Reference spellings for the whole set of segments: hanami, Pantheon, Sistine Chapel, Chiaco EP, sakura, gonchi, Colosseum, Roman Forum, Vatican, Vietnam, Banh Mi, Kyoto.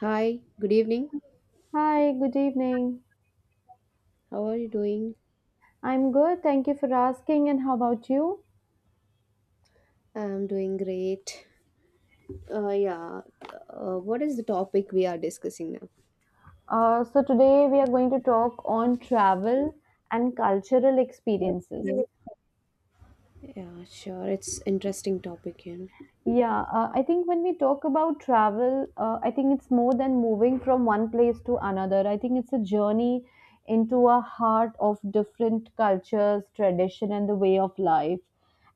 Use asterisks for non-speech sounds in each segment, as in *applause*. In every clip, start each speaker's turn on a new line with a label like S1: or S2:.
S1: Hi, good evening.
S2: Hi, good evening.
S1: How are you doing?
S2: I'm good. Thank you for asking. And how about you?
S1: I'm doing great. Uh, yeah, what is the topic we are discussing now?
S2: Today we are going to talk on travel and cultural experiences.
S1: Yeah, Yeah, sure. It's interesting topic.
S2: Yeah, I think when we talk about travel, I think it's more than moving from one place to another. I think it's a journey into a heart of different cultures, tradition, and the way of life.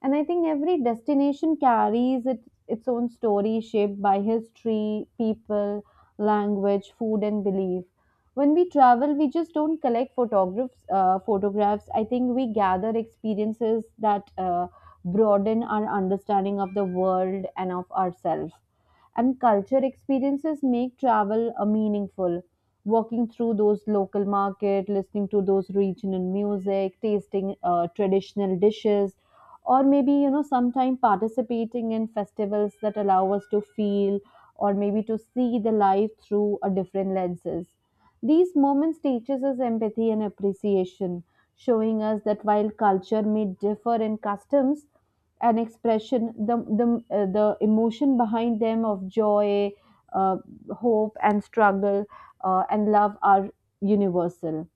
S2: And I think every destination carries it, its own story shaped by history, people, language, food, and belief. When we travel, we just don't collect photographs. Photographs. I think we gather experiences that broaden our understanding of the world and of ourselves. And culture experiences make travel a meaningful. Walking through those local market, listening to those regional music, tasting traditional dishes, or maybe you know sometime participating in festivals that allow us to feel or maybe to see the life through a different lenses. These moments teaches us empathy and appreciation, showing us that while culture may differ in customs, an expression the emotion behind them of joy, uh, hope and struggle, and love are universal.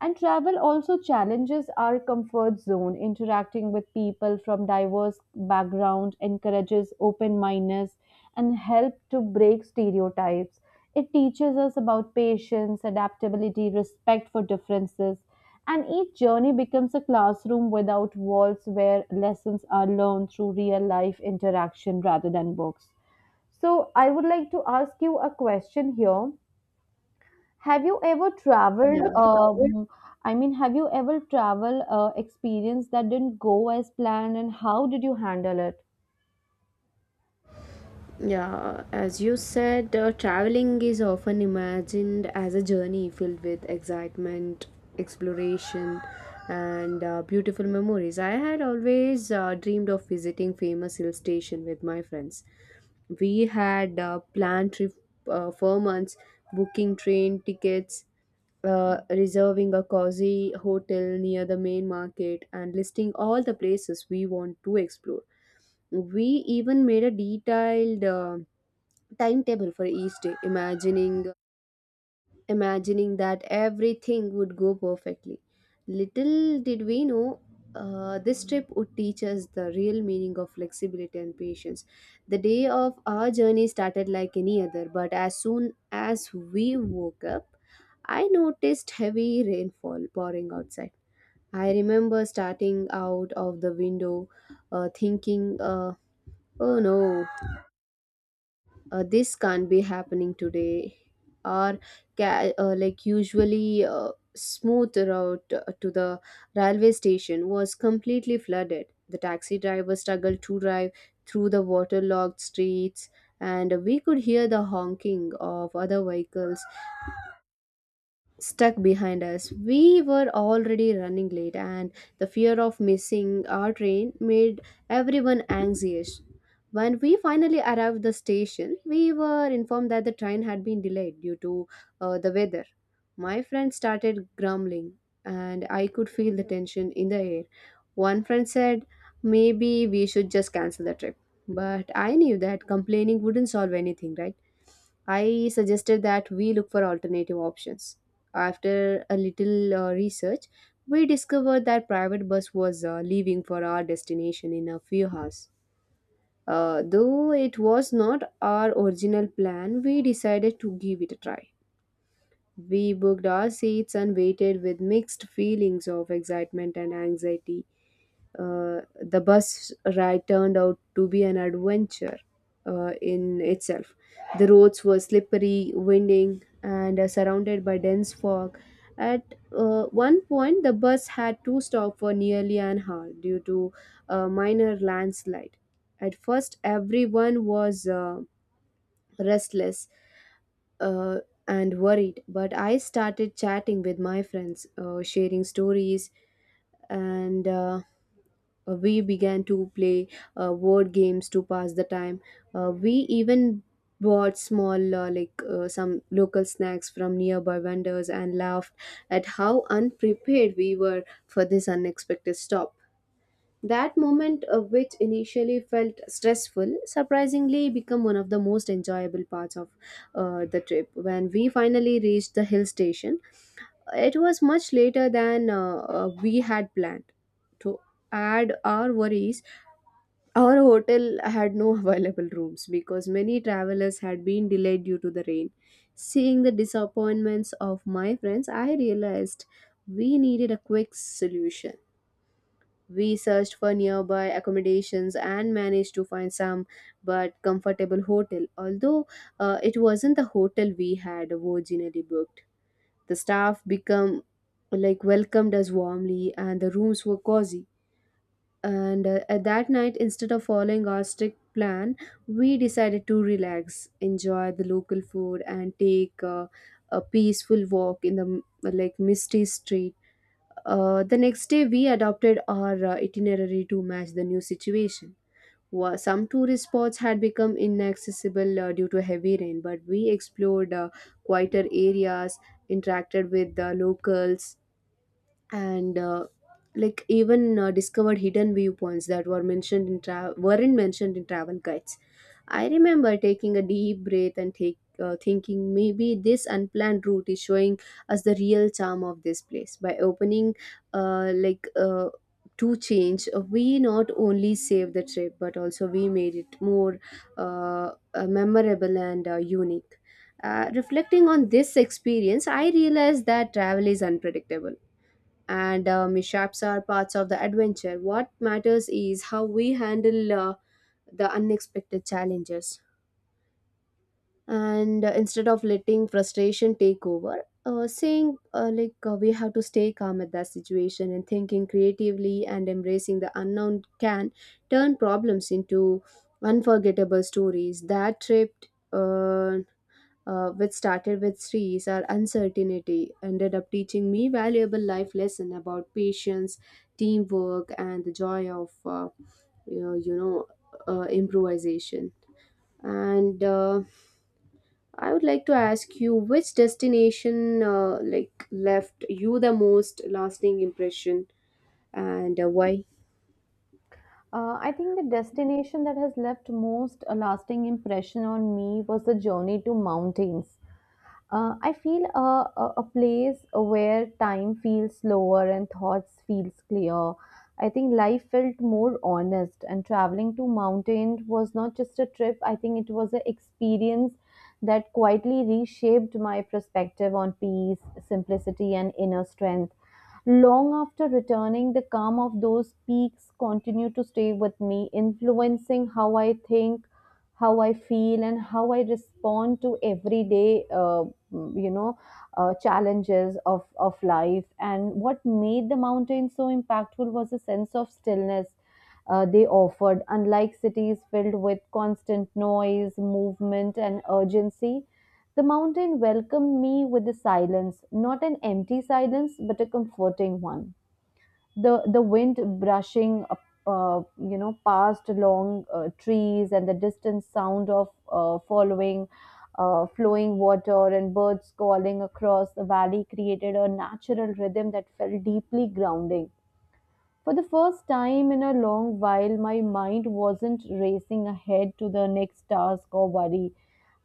S2: And travel also challenges our comfort zone. Interacting with people from diverse background encourages open mindedness and help to break stereotypes. It teaches us about patience, adaptability, respect for differences, and each journey becomes a classroom without walls where lessons are learned through real life interaction rather than books. So, I would like to ask you a question here. Have you ever traveled? I mean, have you ever travel experience that didn't go as planned, and how did you handle it?
S1: Yeah, as you said, traveling is often imagined as a journey filled with excitement, exploration, and beautiful memories. I had always dreamed of visiting famous hill station with my friends. We had planned trip for months, booking train tickets, reserving a cozy hotel near the main market, and listing all the places we want to explore. We even made a detailed timetable for each day, imagining that everything would go perfectly. Little did we know, this trip would teach us the real meaning of flexibility and patience. The day of our journey started like any other, but as soon as we woke up, I noticed heavy rainfall pouring outside. I remember starting out of the window, thinking, oh no, this can't be happening today. Or like usually smooth route to the railway station was completely flooded. The taxi driver struggled to drive through the waterlogged streets, and we could hear the honking of other vehicles stuck behind us. We were already running late, and the fear of missing our train made everyone anxious. When we finally arrived the station, we were informed that the train had been delayed due to the weather. My friend started grumbling, and I could feel the tension in the air. One friend said, "Maybe we should just cancel the trip." But I knew that complaining wouldn't solve anything, right? I suggested that we look for alternative options. After a little research, we discovered that private bus was leaving for our destination in a few hours. Though it was not our original plan, we decided to give it a try. We booked our seats and waited with mixed feelings of excitement and anxiety. The bus ride turned out to be an adventure in itself. The roads were slippery, winding, and surrounded by dense fog. At one point, the bus had to stop for nearly an hour due to a minor landslide. At first, everyone was restless uh, and worried, but I started chatting with my friends, sharing stories, and we began to play word games to pass the time. We even bought small, some local snacks from nearby vendors and laughed at how unprepared we were for this unexpected stop. That moment, which initially felt stressful, surprisingly became one of the most enjoyable parts of the trip. When we finally reached the hill station, it was much later than we had planned. To add our worries, our hotel had no available rooms because many travelers had been delayed due to the rain. Seeing the disappointments of my friends, I realized we needed a quick solution. We searched for nearby accommodations and managed to find some but comfortable hotel, although it wasn't the hotel we had originally booked. The staff became like welcomed us warmly, and the rooms were cozy. And at that night, instead of following our strict plan, we decided to relax, enjoy the local food, and take a peaceful walk in the like misty street. The next day we adopted our itinerary to match the new situation. Some tourist spots had become inaccessible due to heavy rain, but we explored quieter areas, interacted with the locals, and like even discovered hidden viewpoints that weren't mentioned in travel guides. I remember taking a deep breath and thinking, maybe this unplanned route is showing us the real charm of this place. By opening uh, like uh, to change, we not only saved the trip but also we made it more memorable and unique. Reflecting on this experience, I realized that travel is unpredictable, and mishaps are parts of the adventure. What matters is how we handle the unexpected challenges. And instead of letting frustration take over, saying like we have to stay calm at that situation, and thinking creatively and embracing the unknown can turn problems into unforgettable stories. That trip uh, which started with Sri's our uncertainty, ended up teaching me valuable life lesson about patience, teamwork, and the joy of you know, you know improvisation. And I would like to ask you which destination like left you the most lasting impression, and why?
S2: I think the destination that has left most a lasting impression on me was the journey to mountains. I feel a place where time feels slower and thoughts feels clear. I think life felt more honest, and traveling to mountain was not just a trip. I think it was an experience that quietly reshaped my perspective on peace, simplicity, and inner strength. Long after returning, the calm of those peaks continue to stay with me, influencing how I think, how I feel and how I respond to everyday, you know, challenges of life. And what made the mountains so impactful was a sense of stillness they offered. Unlike cities filled with constant noise, movement, and urgency, the mountain welcomed me with a silence, not an empty silence, but a comforting one. The wind brushing past long trees and the distant sound of following flowing water and birds calling across the valley created a natural rhythm that felt deeply grounding. For the first time in a long while my mind wasn't racing ahead to the next task or worry.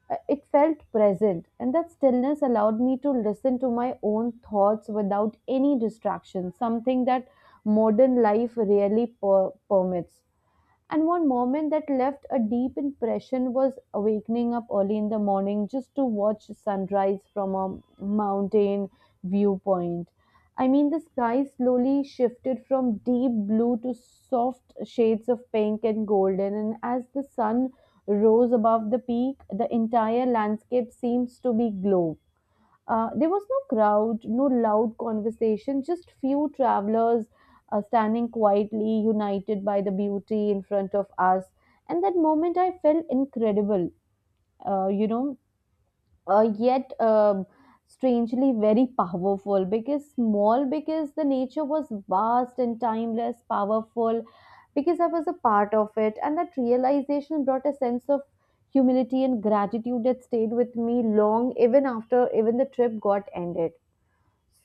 S2: It felt present, and that stillness allowed me to listen to my own thoughts without any distraction, something that modern life really permits. And one moment that left a deep impression was awakening up early in the morning just to watch sunrise from a mountain viewpoint. I mean, the sky slowly shifted from deep blue to soft shades of pink and golden, and as the sun rose above the peak, the entire landscape seems to be glow. There was no crowd, no loud conversation, just few travelers standing quietly, united by the beauty in front of us. And that moment I felt incredible, you know, yet strangely very powerful because small, because the nature was vast and timeless, powerful, because I was a part of it. And that realization brought a sense of humility and gratitude that stayed with me long even after even the trip got ended.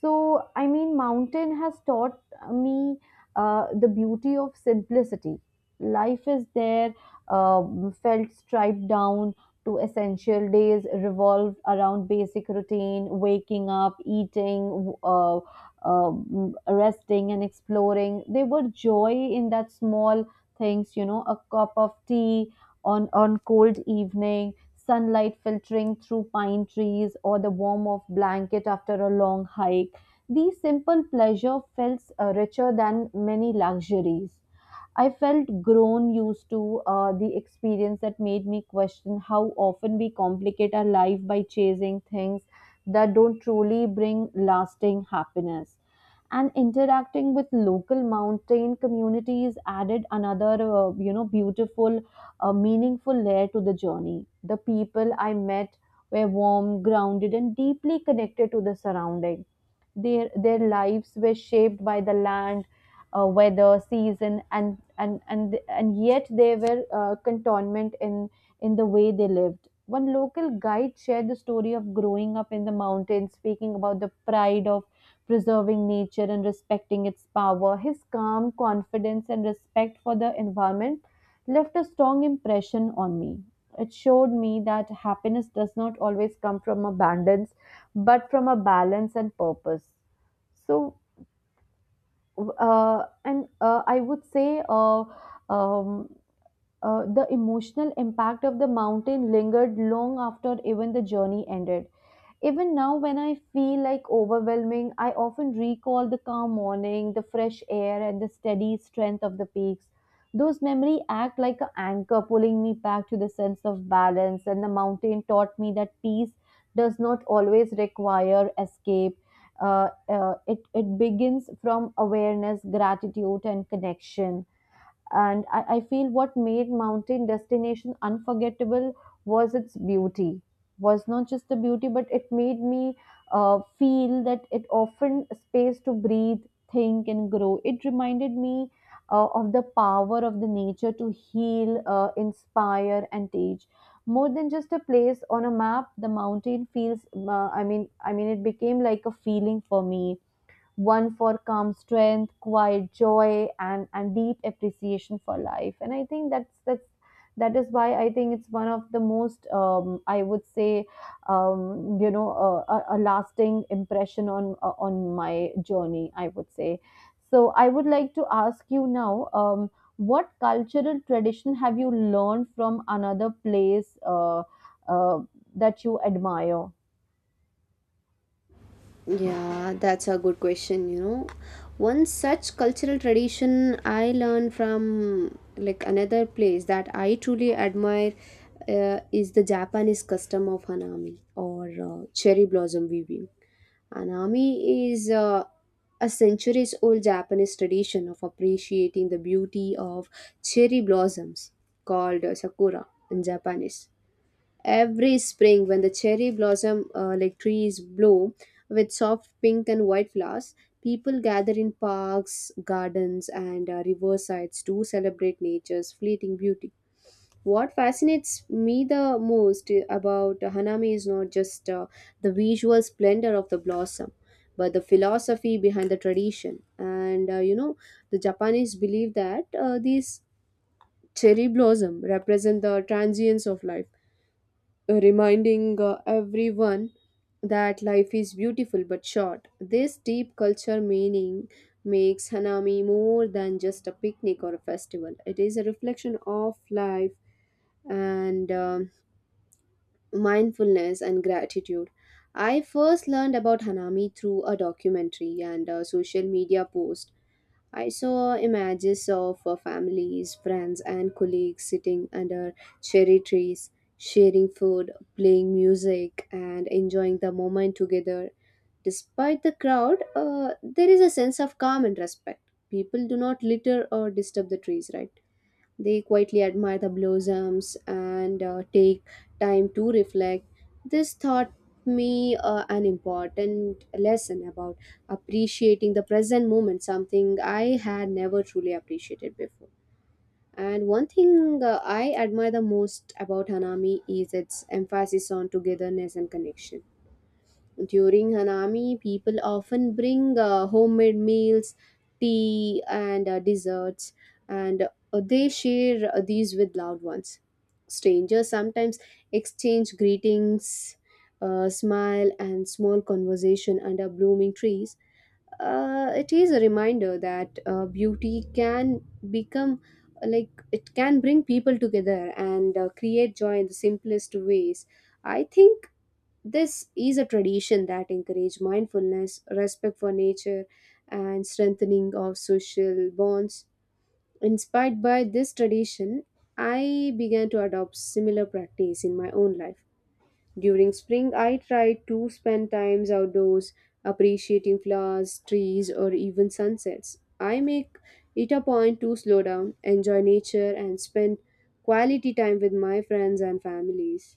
S2: So, I mean, mountain has taught me the beauty of simplicity. Life is there, felt striped down to essential days, revolved around basic routine, waking up, eating, resting, and exploring. There were joy in that small things, you know, a cup of tea on cold evening sunlight filtering through pine trees, or the warmth of blanket after a long hike. These simple pleasure felt richer than many luxuries. I felt grown used to the experience that made me question how often we complicate our life by chasing things that don't truly bring lasting happiness. And interacting with local mountain communities added another, beautiful a meaningful layer to the journey. The people I met were warm, grounded, and deeply connected to the surrounding. Their lives were shaped by the land, weather, season, and yet they were cantonment in the way they lived. One local guide shared the story of growing up in the mountains, speaking about the pride of preserving nature and respecting its power. His calm confidence and respect for the environment left a strong impression on me. It showed me that happiness does not always come from abundance, but from a balance and purpose. So, and I would say um, the emotional impact of the mountain lingered long after even the journey ended. Even now, when I feel like overwhelming, I often recall the calm morning, the fresh air, and the steady strength of the peaks. Those memories act like an anchor, pulling me back to the sense of balance. And the mountain taught me that peace does not always require escape. It begins from awareness, gratitude, and connection. And I feel what made mountain destination unforgettable was its beauty. Was not just the beauty, but it made me feel that it often space to breathe, think, and grow. It reminded me of the power of the nature to heal, inspire, and teach. More than just a place on a map, the mountain feels. It became like a feeling for me, one for calm strength, quiet joy, and deep appreciation for life. And I think that is why I think it's one of the most I would say a, a lasting impression on my journey, I would say. So I would like to ask you now. What cultural tradition have you learned from another place uh, that you admire?
S1: Yeah, that's a good question. One such cultural tradition I learned from like another place that I truly admire is the Japanese custom of hanami, or cherry blossom weaving. Hanami is a centuries old Japanese tradition of appreciating the beauty of cherry blossoms, called sakura in Japanese. Every spring, when the cherry blossom trees bloom with soft pink and white flowers, people gather in parks, gardens, and riversides to celebrate nature's fleeting beauty. What fascinates me the most about hanami is not just the visual splendor of the blossom, but the philosophy behind the tradition. And the Japanese believe that these cherry blossom represent the transience of life, reminding everyone that life is beautiful but short. This deep culture meaning makes Hanami more than just a picnic or a festival. It is a reflection of life and mindfulness and gratitude. I first learned about Hanami through a documentary and a social media post. I saw images of families, friends, and colleagues sitting under cherry trees, sharing food, playing music, and enjoying the moment together. Despite the crowd, there is a sense of calm and respect. People do not litter or disturb the trees, right? They quietly admire the blossoms and take time to reflect. This taught me an important lesson about appreciating the present moment, something I had never truly appreciated before. And one thing I admire the most about Hanami is its emphasis on togetherness and connection. During Hanami, people often bring homemade meals, tea, and desserts, and they share these with loved ones. Strangers sometimes exchange greetings, smile, and small conversation under blooming trees. It is a reminder that beauty can become like it can bring people together and create joy in the simplest ways. I think this is a tradition that encourages mindfulness, respect for nature, and strengthening of social bonds. Inspired by this tradition, I began to adopt similar practice in my own life. During spring, I try to spend times outdoors, appreciating flowers, trees, or even sunsets. I make it a point to slow down, enjoy nature, and spend quality time with my friends and families.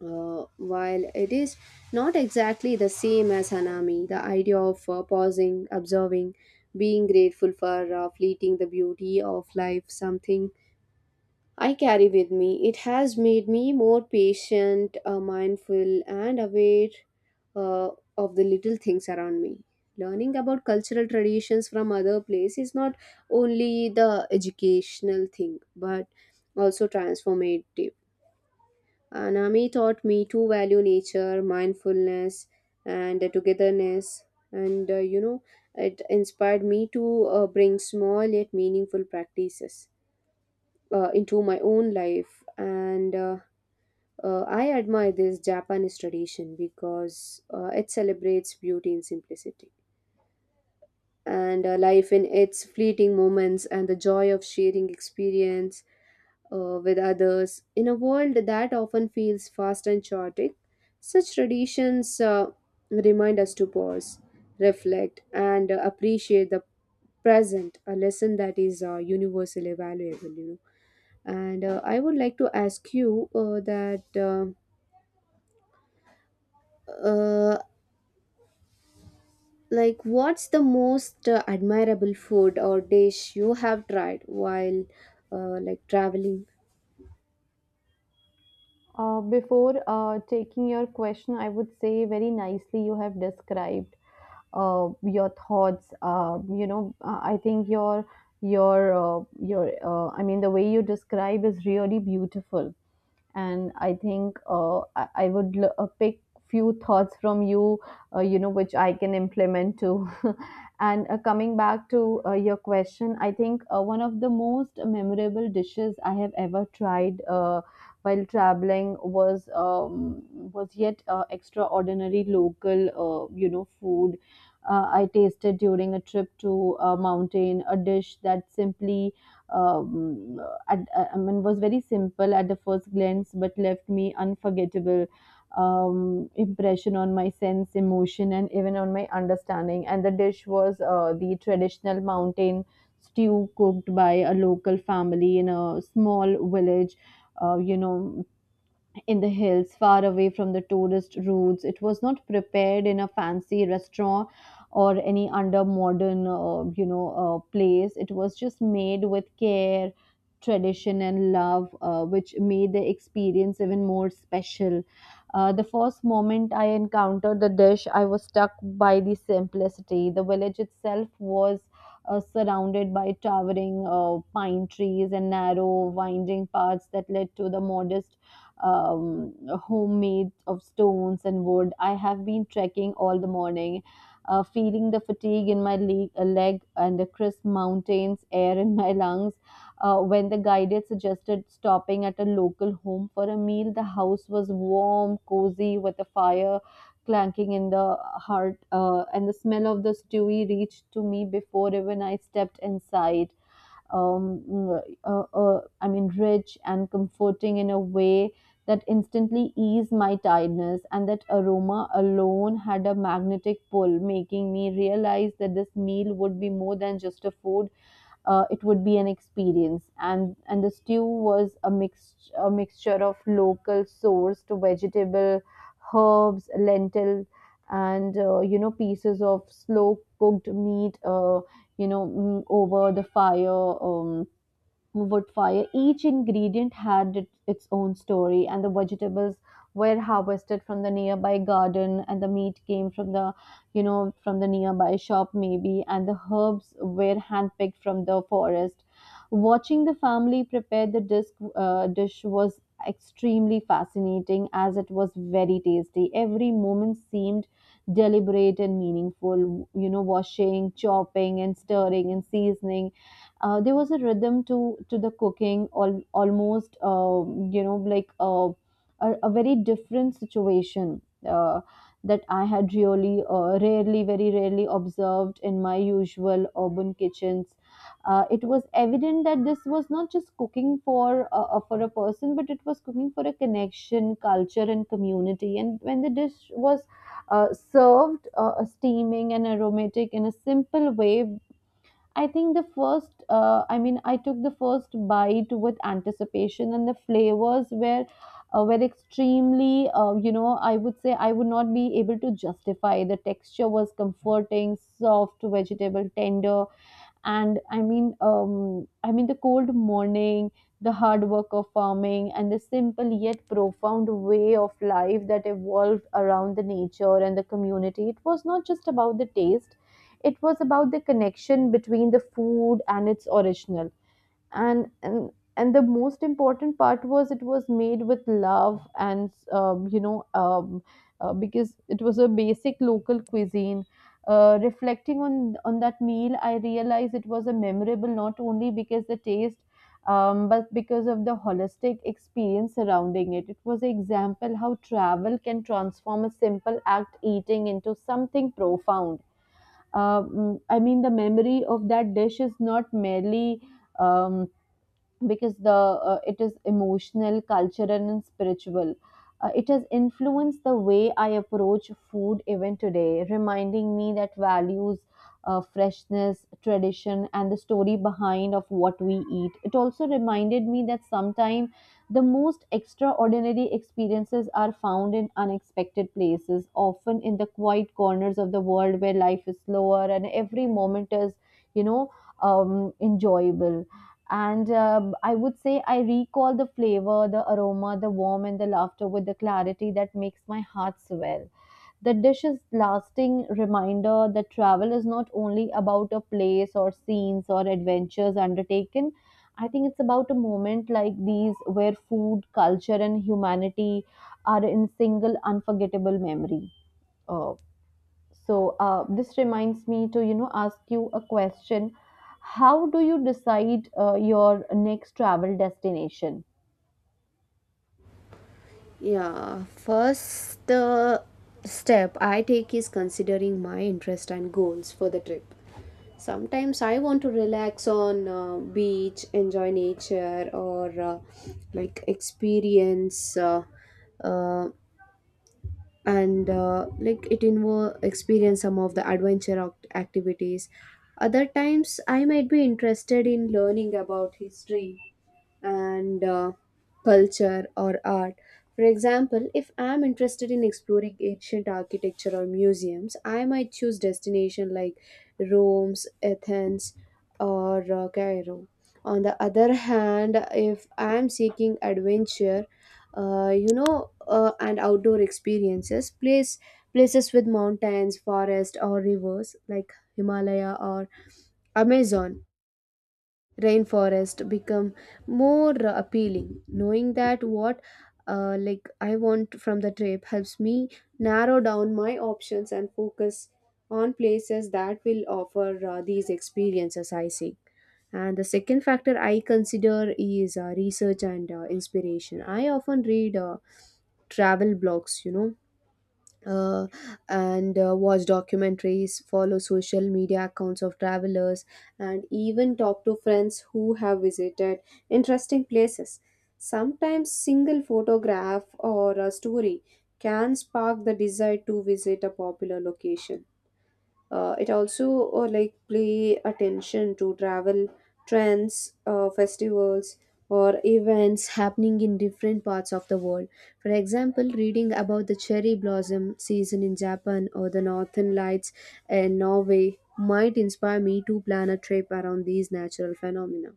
S1: While it is not exactly the same as Hanami, the idea of pausing, observing, being grateful for fleeting the beauty of life, something I carry with me. It has made me more patient, mindful, and aware uh, of the little things around me. Learning about cultural traditions from other places is not only the educational thing, but also transformative. Anami taught me to value nature, mindfulness, and togetherness. And it inspired me to bring small yet meaningful practices into my own life. And I admire this Japanese tradition because it celebrates beauty in simplicity and life in its fleeting moments, and the joy of sharing experience with others. In a world that often feels fast and chaotic, such traditions remind us to pause, reflect, and appreciate the present, a lesson that is universally valuable. And I would like to ask you that. Uh, Like, what's the most admirable food or dish you have tried while traveling?
S2: Before taking your question, I would say very nicely you have described your thoughts. I think your I mean the way you describe is really beautiful and I think I would pick few thoughts from you, which I can implement too. *laughs* And coming back to your question, I think one of the most memorable dishes I have ever tried while traveling was yet extraordinary local, food. I tasted during a trip to a mountain, a dish that simply um, I mean, was very simple at the first glance, but left me unforgettable impression on my sense, emotion, and even on my understanding. And the dish was the traditional mountain stew cooked by a local family in a small village. Uh, you know, in the hills, far away from the tourist routes. It was not prepared in a fancy restaurant or any under modern, place. It was just made with care, tradition, and love, which made the experience even more special. The first moment I encountered the dish, I was struck by the simplicity. The village itself was surrounded by towering pine trees and narrow, winding paths that led to the modest um, homemade of stones and wood. I have been trekking all the morning, feeling the fatigue in my leg and the crisp mountains air in my lungs. When the guided suggested stopping at a local home for a meal, the house was warm, cozy, with a fire clanking in the heart, and the smell of the stewie reached to me before even I stepped inside. um, I mean, rich and comforting in a way that instantly eased my tiredness, and that aroma alone had a magnetic pull, making me realize that this meal would be more than just a food. It would be an experience. And the stew was a mixture of local sourced vegetable, herbs, lentil, and pieces of slow cooked meat over the fire, um, wood fire. Each ingredient had it, its own story, and the vegetables were harvested from the nearby garden, and the meat came from the, you know, from the nearby shop maybe, and the herbs were handpicked from the forest. Watching the family prepare the dish was extremely fascinating as it was very tasty. Every moment seemed deliberate and meaningful. You know, washing, chopping, and stirring and seasoning there was a rhythm to the cooking all almost a very different situation uh, that I had really rarely very rarely observed in my usual urban kitchens. Uh, it was evident that this was not just cooking for a person, but it was cooking for a connection, culture, and community. And when the dish was served, steaming and aromatic in a simple way, I took the first bite with anticipation, and the flavors were extremely, I would say, I would not be able to justify. The texture was comforting, soft vegetable, tender, and the cold morning, the hard work of farming, and the simple yet profound way of life that evolved around the nature and the community. It was not just about the taste, it was about the connection between the food and its original. And and the most important part was it was made with love. And you know Because it was a basic local cuisine, reflecting on that meal, I realized it was a memorable, not only because the taste, but because of the holistic experience surrounding it. It was an example how travel can transform a simple act eating into something profound. I mean the memory of that dish is not merely um, because the it is emotional, cultural, and spiritual. It has influenced the way I approach food even today, reminding me that values, freshness, tradition, and the story behind of what we eat. It also reminded me that sometimes the most extraordinary experiences are found in unexpected places, often in the quiet corners of the world where life is slower and every moment is you know enjoyable. And I would say I recall the flavor, the aroma, the warmth, and the laughter with the clarity that makes my heart swell. The dish is lasting reminder that travel is not only about a place or scenes or adventures undertaken. I think it's about a moment like these where food, culture, and humanity are in single unforgettable memory. Uh, so this reminds me to, you know, ask you a question. How do you decide your next travel destination?
S1: Yeah, first step I take is considering my interest and goals for the trip. Sometimes I want to relax on beach, enjoy nature, or like experience uh, and it involve experience some of the adventure activities. Other times I might be interested in learning about history and culture or art. For example, if I'm interested in exploring ancient architecture or museums, I might choose destination like Rome's, Athens, or Cairo. On the other hand, if I'm seeking adventure, and outdoor experiences, places with mountains, forest, or rivers like Himalaya or Amazon rainforest become more appealing, knowing that what I want from the trip helps me narrow down my options and focus on places that will offer these experiences I seek. And the second factor I consider is research and inspiration. I often read travel blogs, uh, and watch documentaries, follow social media accounts of travelers, and even talk to friends who have visited interesting places. Sometimes, single photograph or a story can spark the desire to visit a popular location. It also pay attention to travel trends, festivals, or events happening in different parts of the world. For example, reading about the cherry blossom season in Japan or the northern lights in Norway might inspire me to plan a trip around these natural phenomena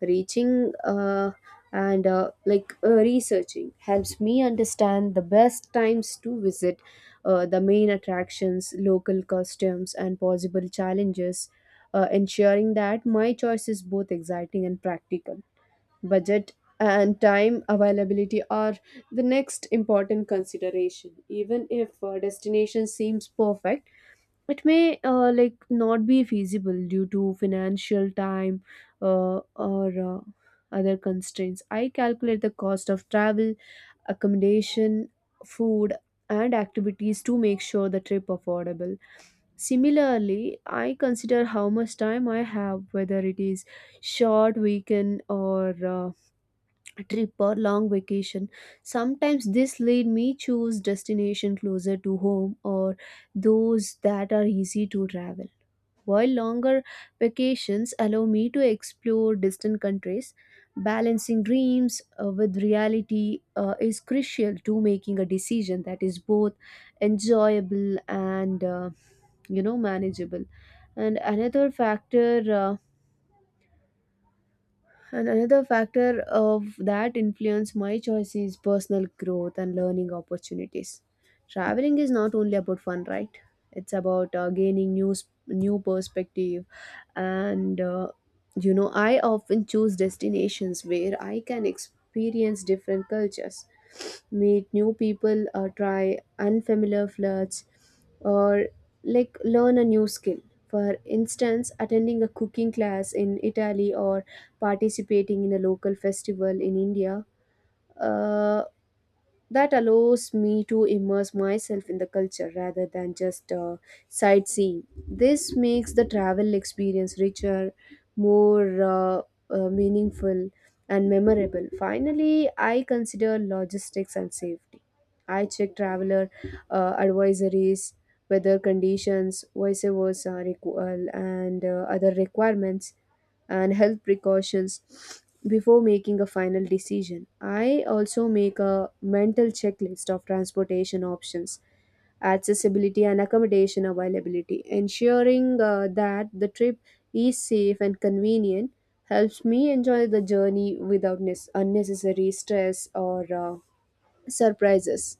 S1: reaching and researching helps me understand the best times to visit the main attractions, local customs, and possible challenges, ensuring that my choice is both exciting and practical. Budget and time availability are the next important consideration. Even if destination seems perfect, it may not be feasible due to financial, time, uh, or other constraints. I calculate the cost of travel, accommodation, food, and activities to make sure the trip affordable. Similarly, I consider how much time I have, whether it is short weekend or trip or long vacation. Sometimes this lead me choose destination closer to home or those that are easy to travel, while longer vacations allow me to explore distant countries. Balancing dreams with reality is crucial to making a decision that is both enjoyable and manageable. And another factor uh, and another factor of that influence my choice is personal growth and learning opportunities. Traveling is not only about fun, right? It's about gaining new perspective and I often choose destinations where I can experience different cultures, meet new people, or try unfamiliar foods, or learn a new skill. For instance, attending a cooking class in Italy or participating in a local festival in India uh, that allows me to immerse myself in the culture rather than just sightseeing. This makes the travel experience richer, more meaningful, and memorable. Finally, I consider logistics and safety. I check traveler advisories, weather conditions, vice versa, requ- and other requirements and health precautions before making a final decision. I also make a mental checklist of transportation options, accessibility, and accommodation availability. Ensuring that the trip is safe and convenient helps me enjoy the journey without unnecessary stress or surprises.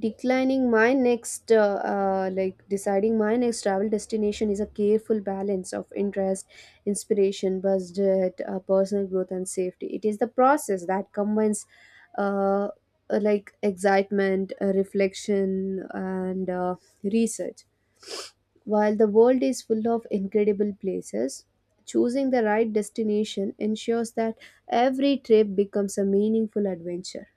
S1: Declining my next, like deciding my next travel destination is a careful balance of interest, inspiration, budget, personal growth, and safety. It is the process that combines, uh, excitement, reflection, and research. While the world is full of incredible places, choosing the right destination ensures that every trip becomes a meaningful adventure.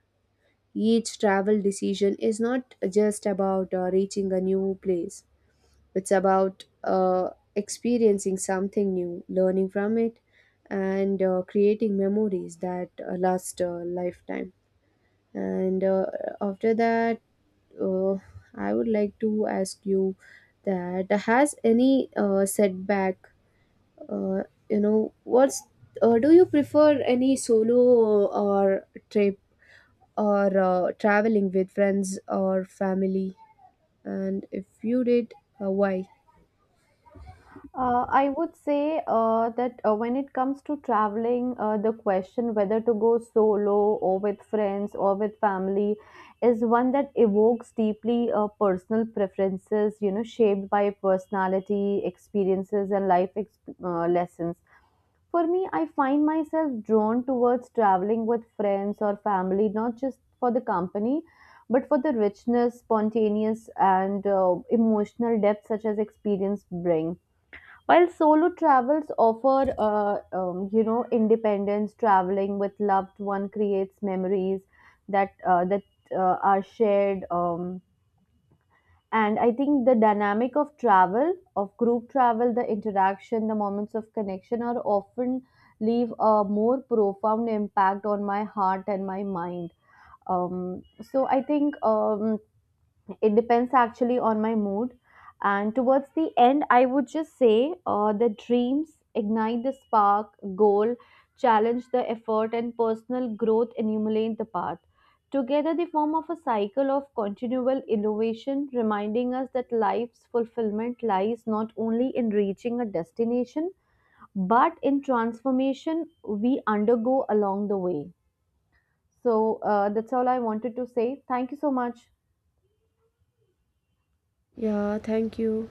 S1: Each travel decision is not just about reaching a new place, it's about experiencing something new, learning from it, and creating memories that last a lifetime. And After that, uh, I would like to ask you that has any setback, uh, what's do you prefer any solo or trip or traveling with friends or family? And if you did, why?
S2: I would say that when it comes to traveling, the question whether to go solo or with friends or with family is one that evokes deeply personal preferences, you know, shaped by personality, experiences, and lessons. For me, I find myself drawn towards traveling with friends or family, not just for the company, but for the richness, spontaneous, and emotional depth such as experience bring. While solo travels offer, you know, independence, traveling with loved one creates memories that are shared. And I think the dynamic of travel, of group travel, the interaction, the moments of connection are often leave a more profound impact on my heart and my mind. So I think It depends actually on my mood. And towards the end, I would just say the dreams ignite the spark, goal challenge the effort, and personal growth illuminate the path. Together, they form of a cycle of continual innovation, reminding us that life's fulfillment lies not only in reaching a destination, but in transformation we undergo along the way. So that's all I wanted to say. Thank you so much.
S1: Yeah, thank you.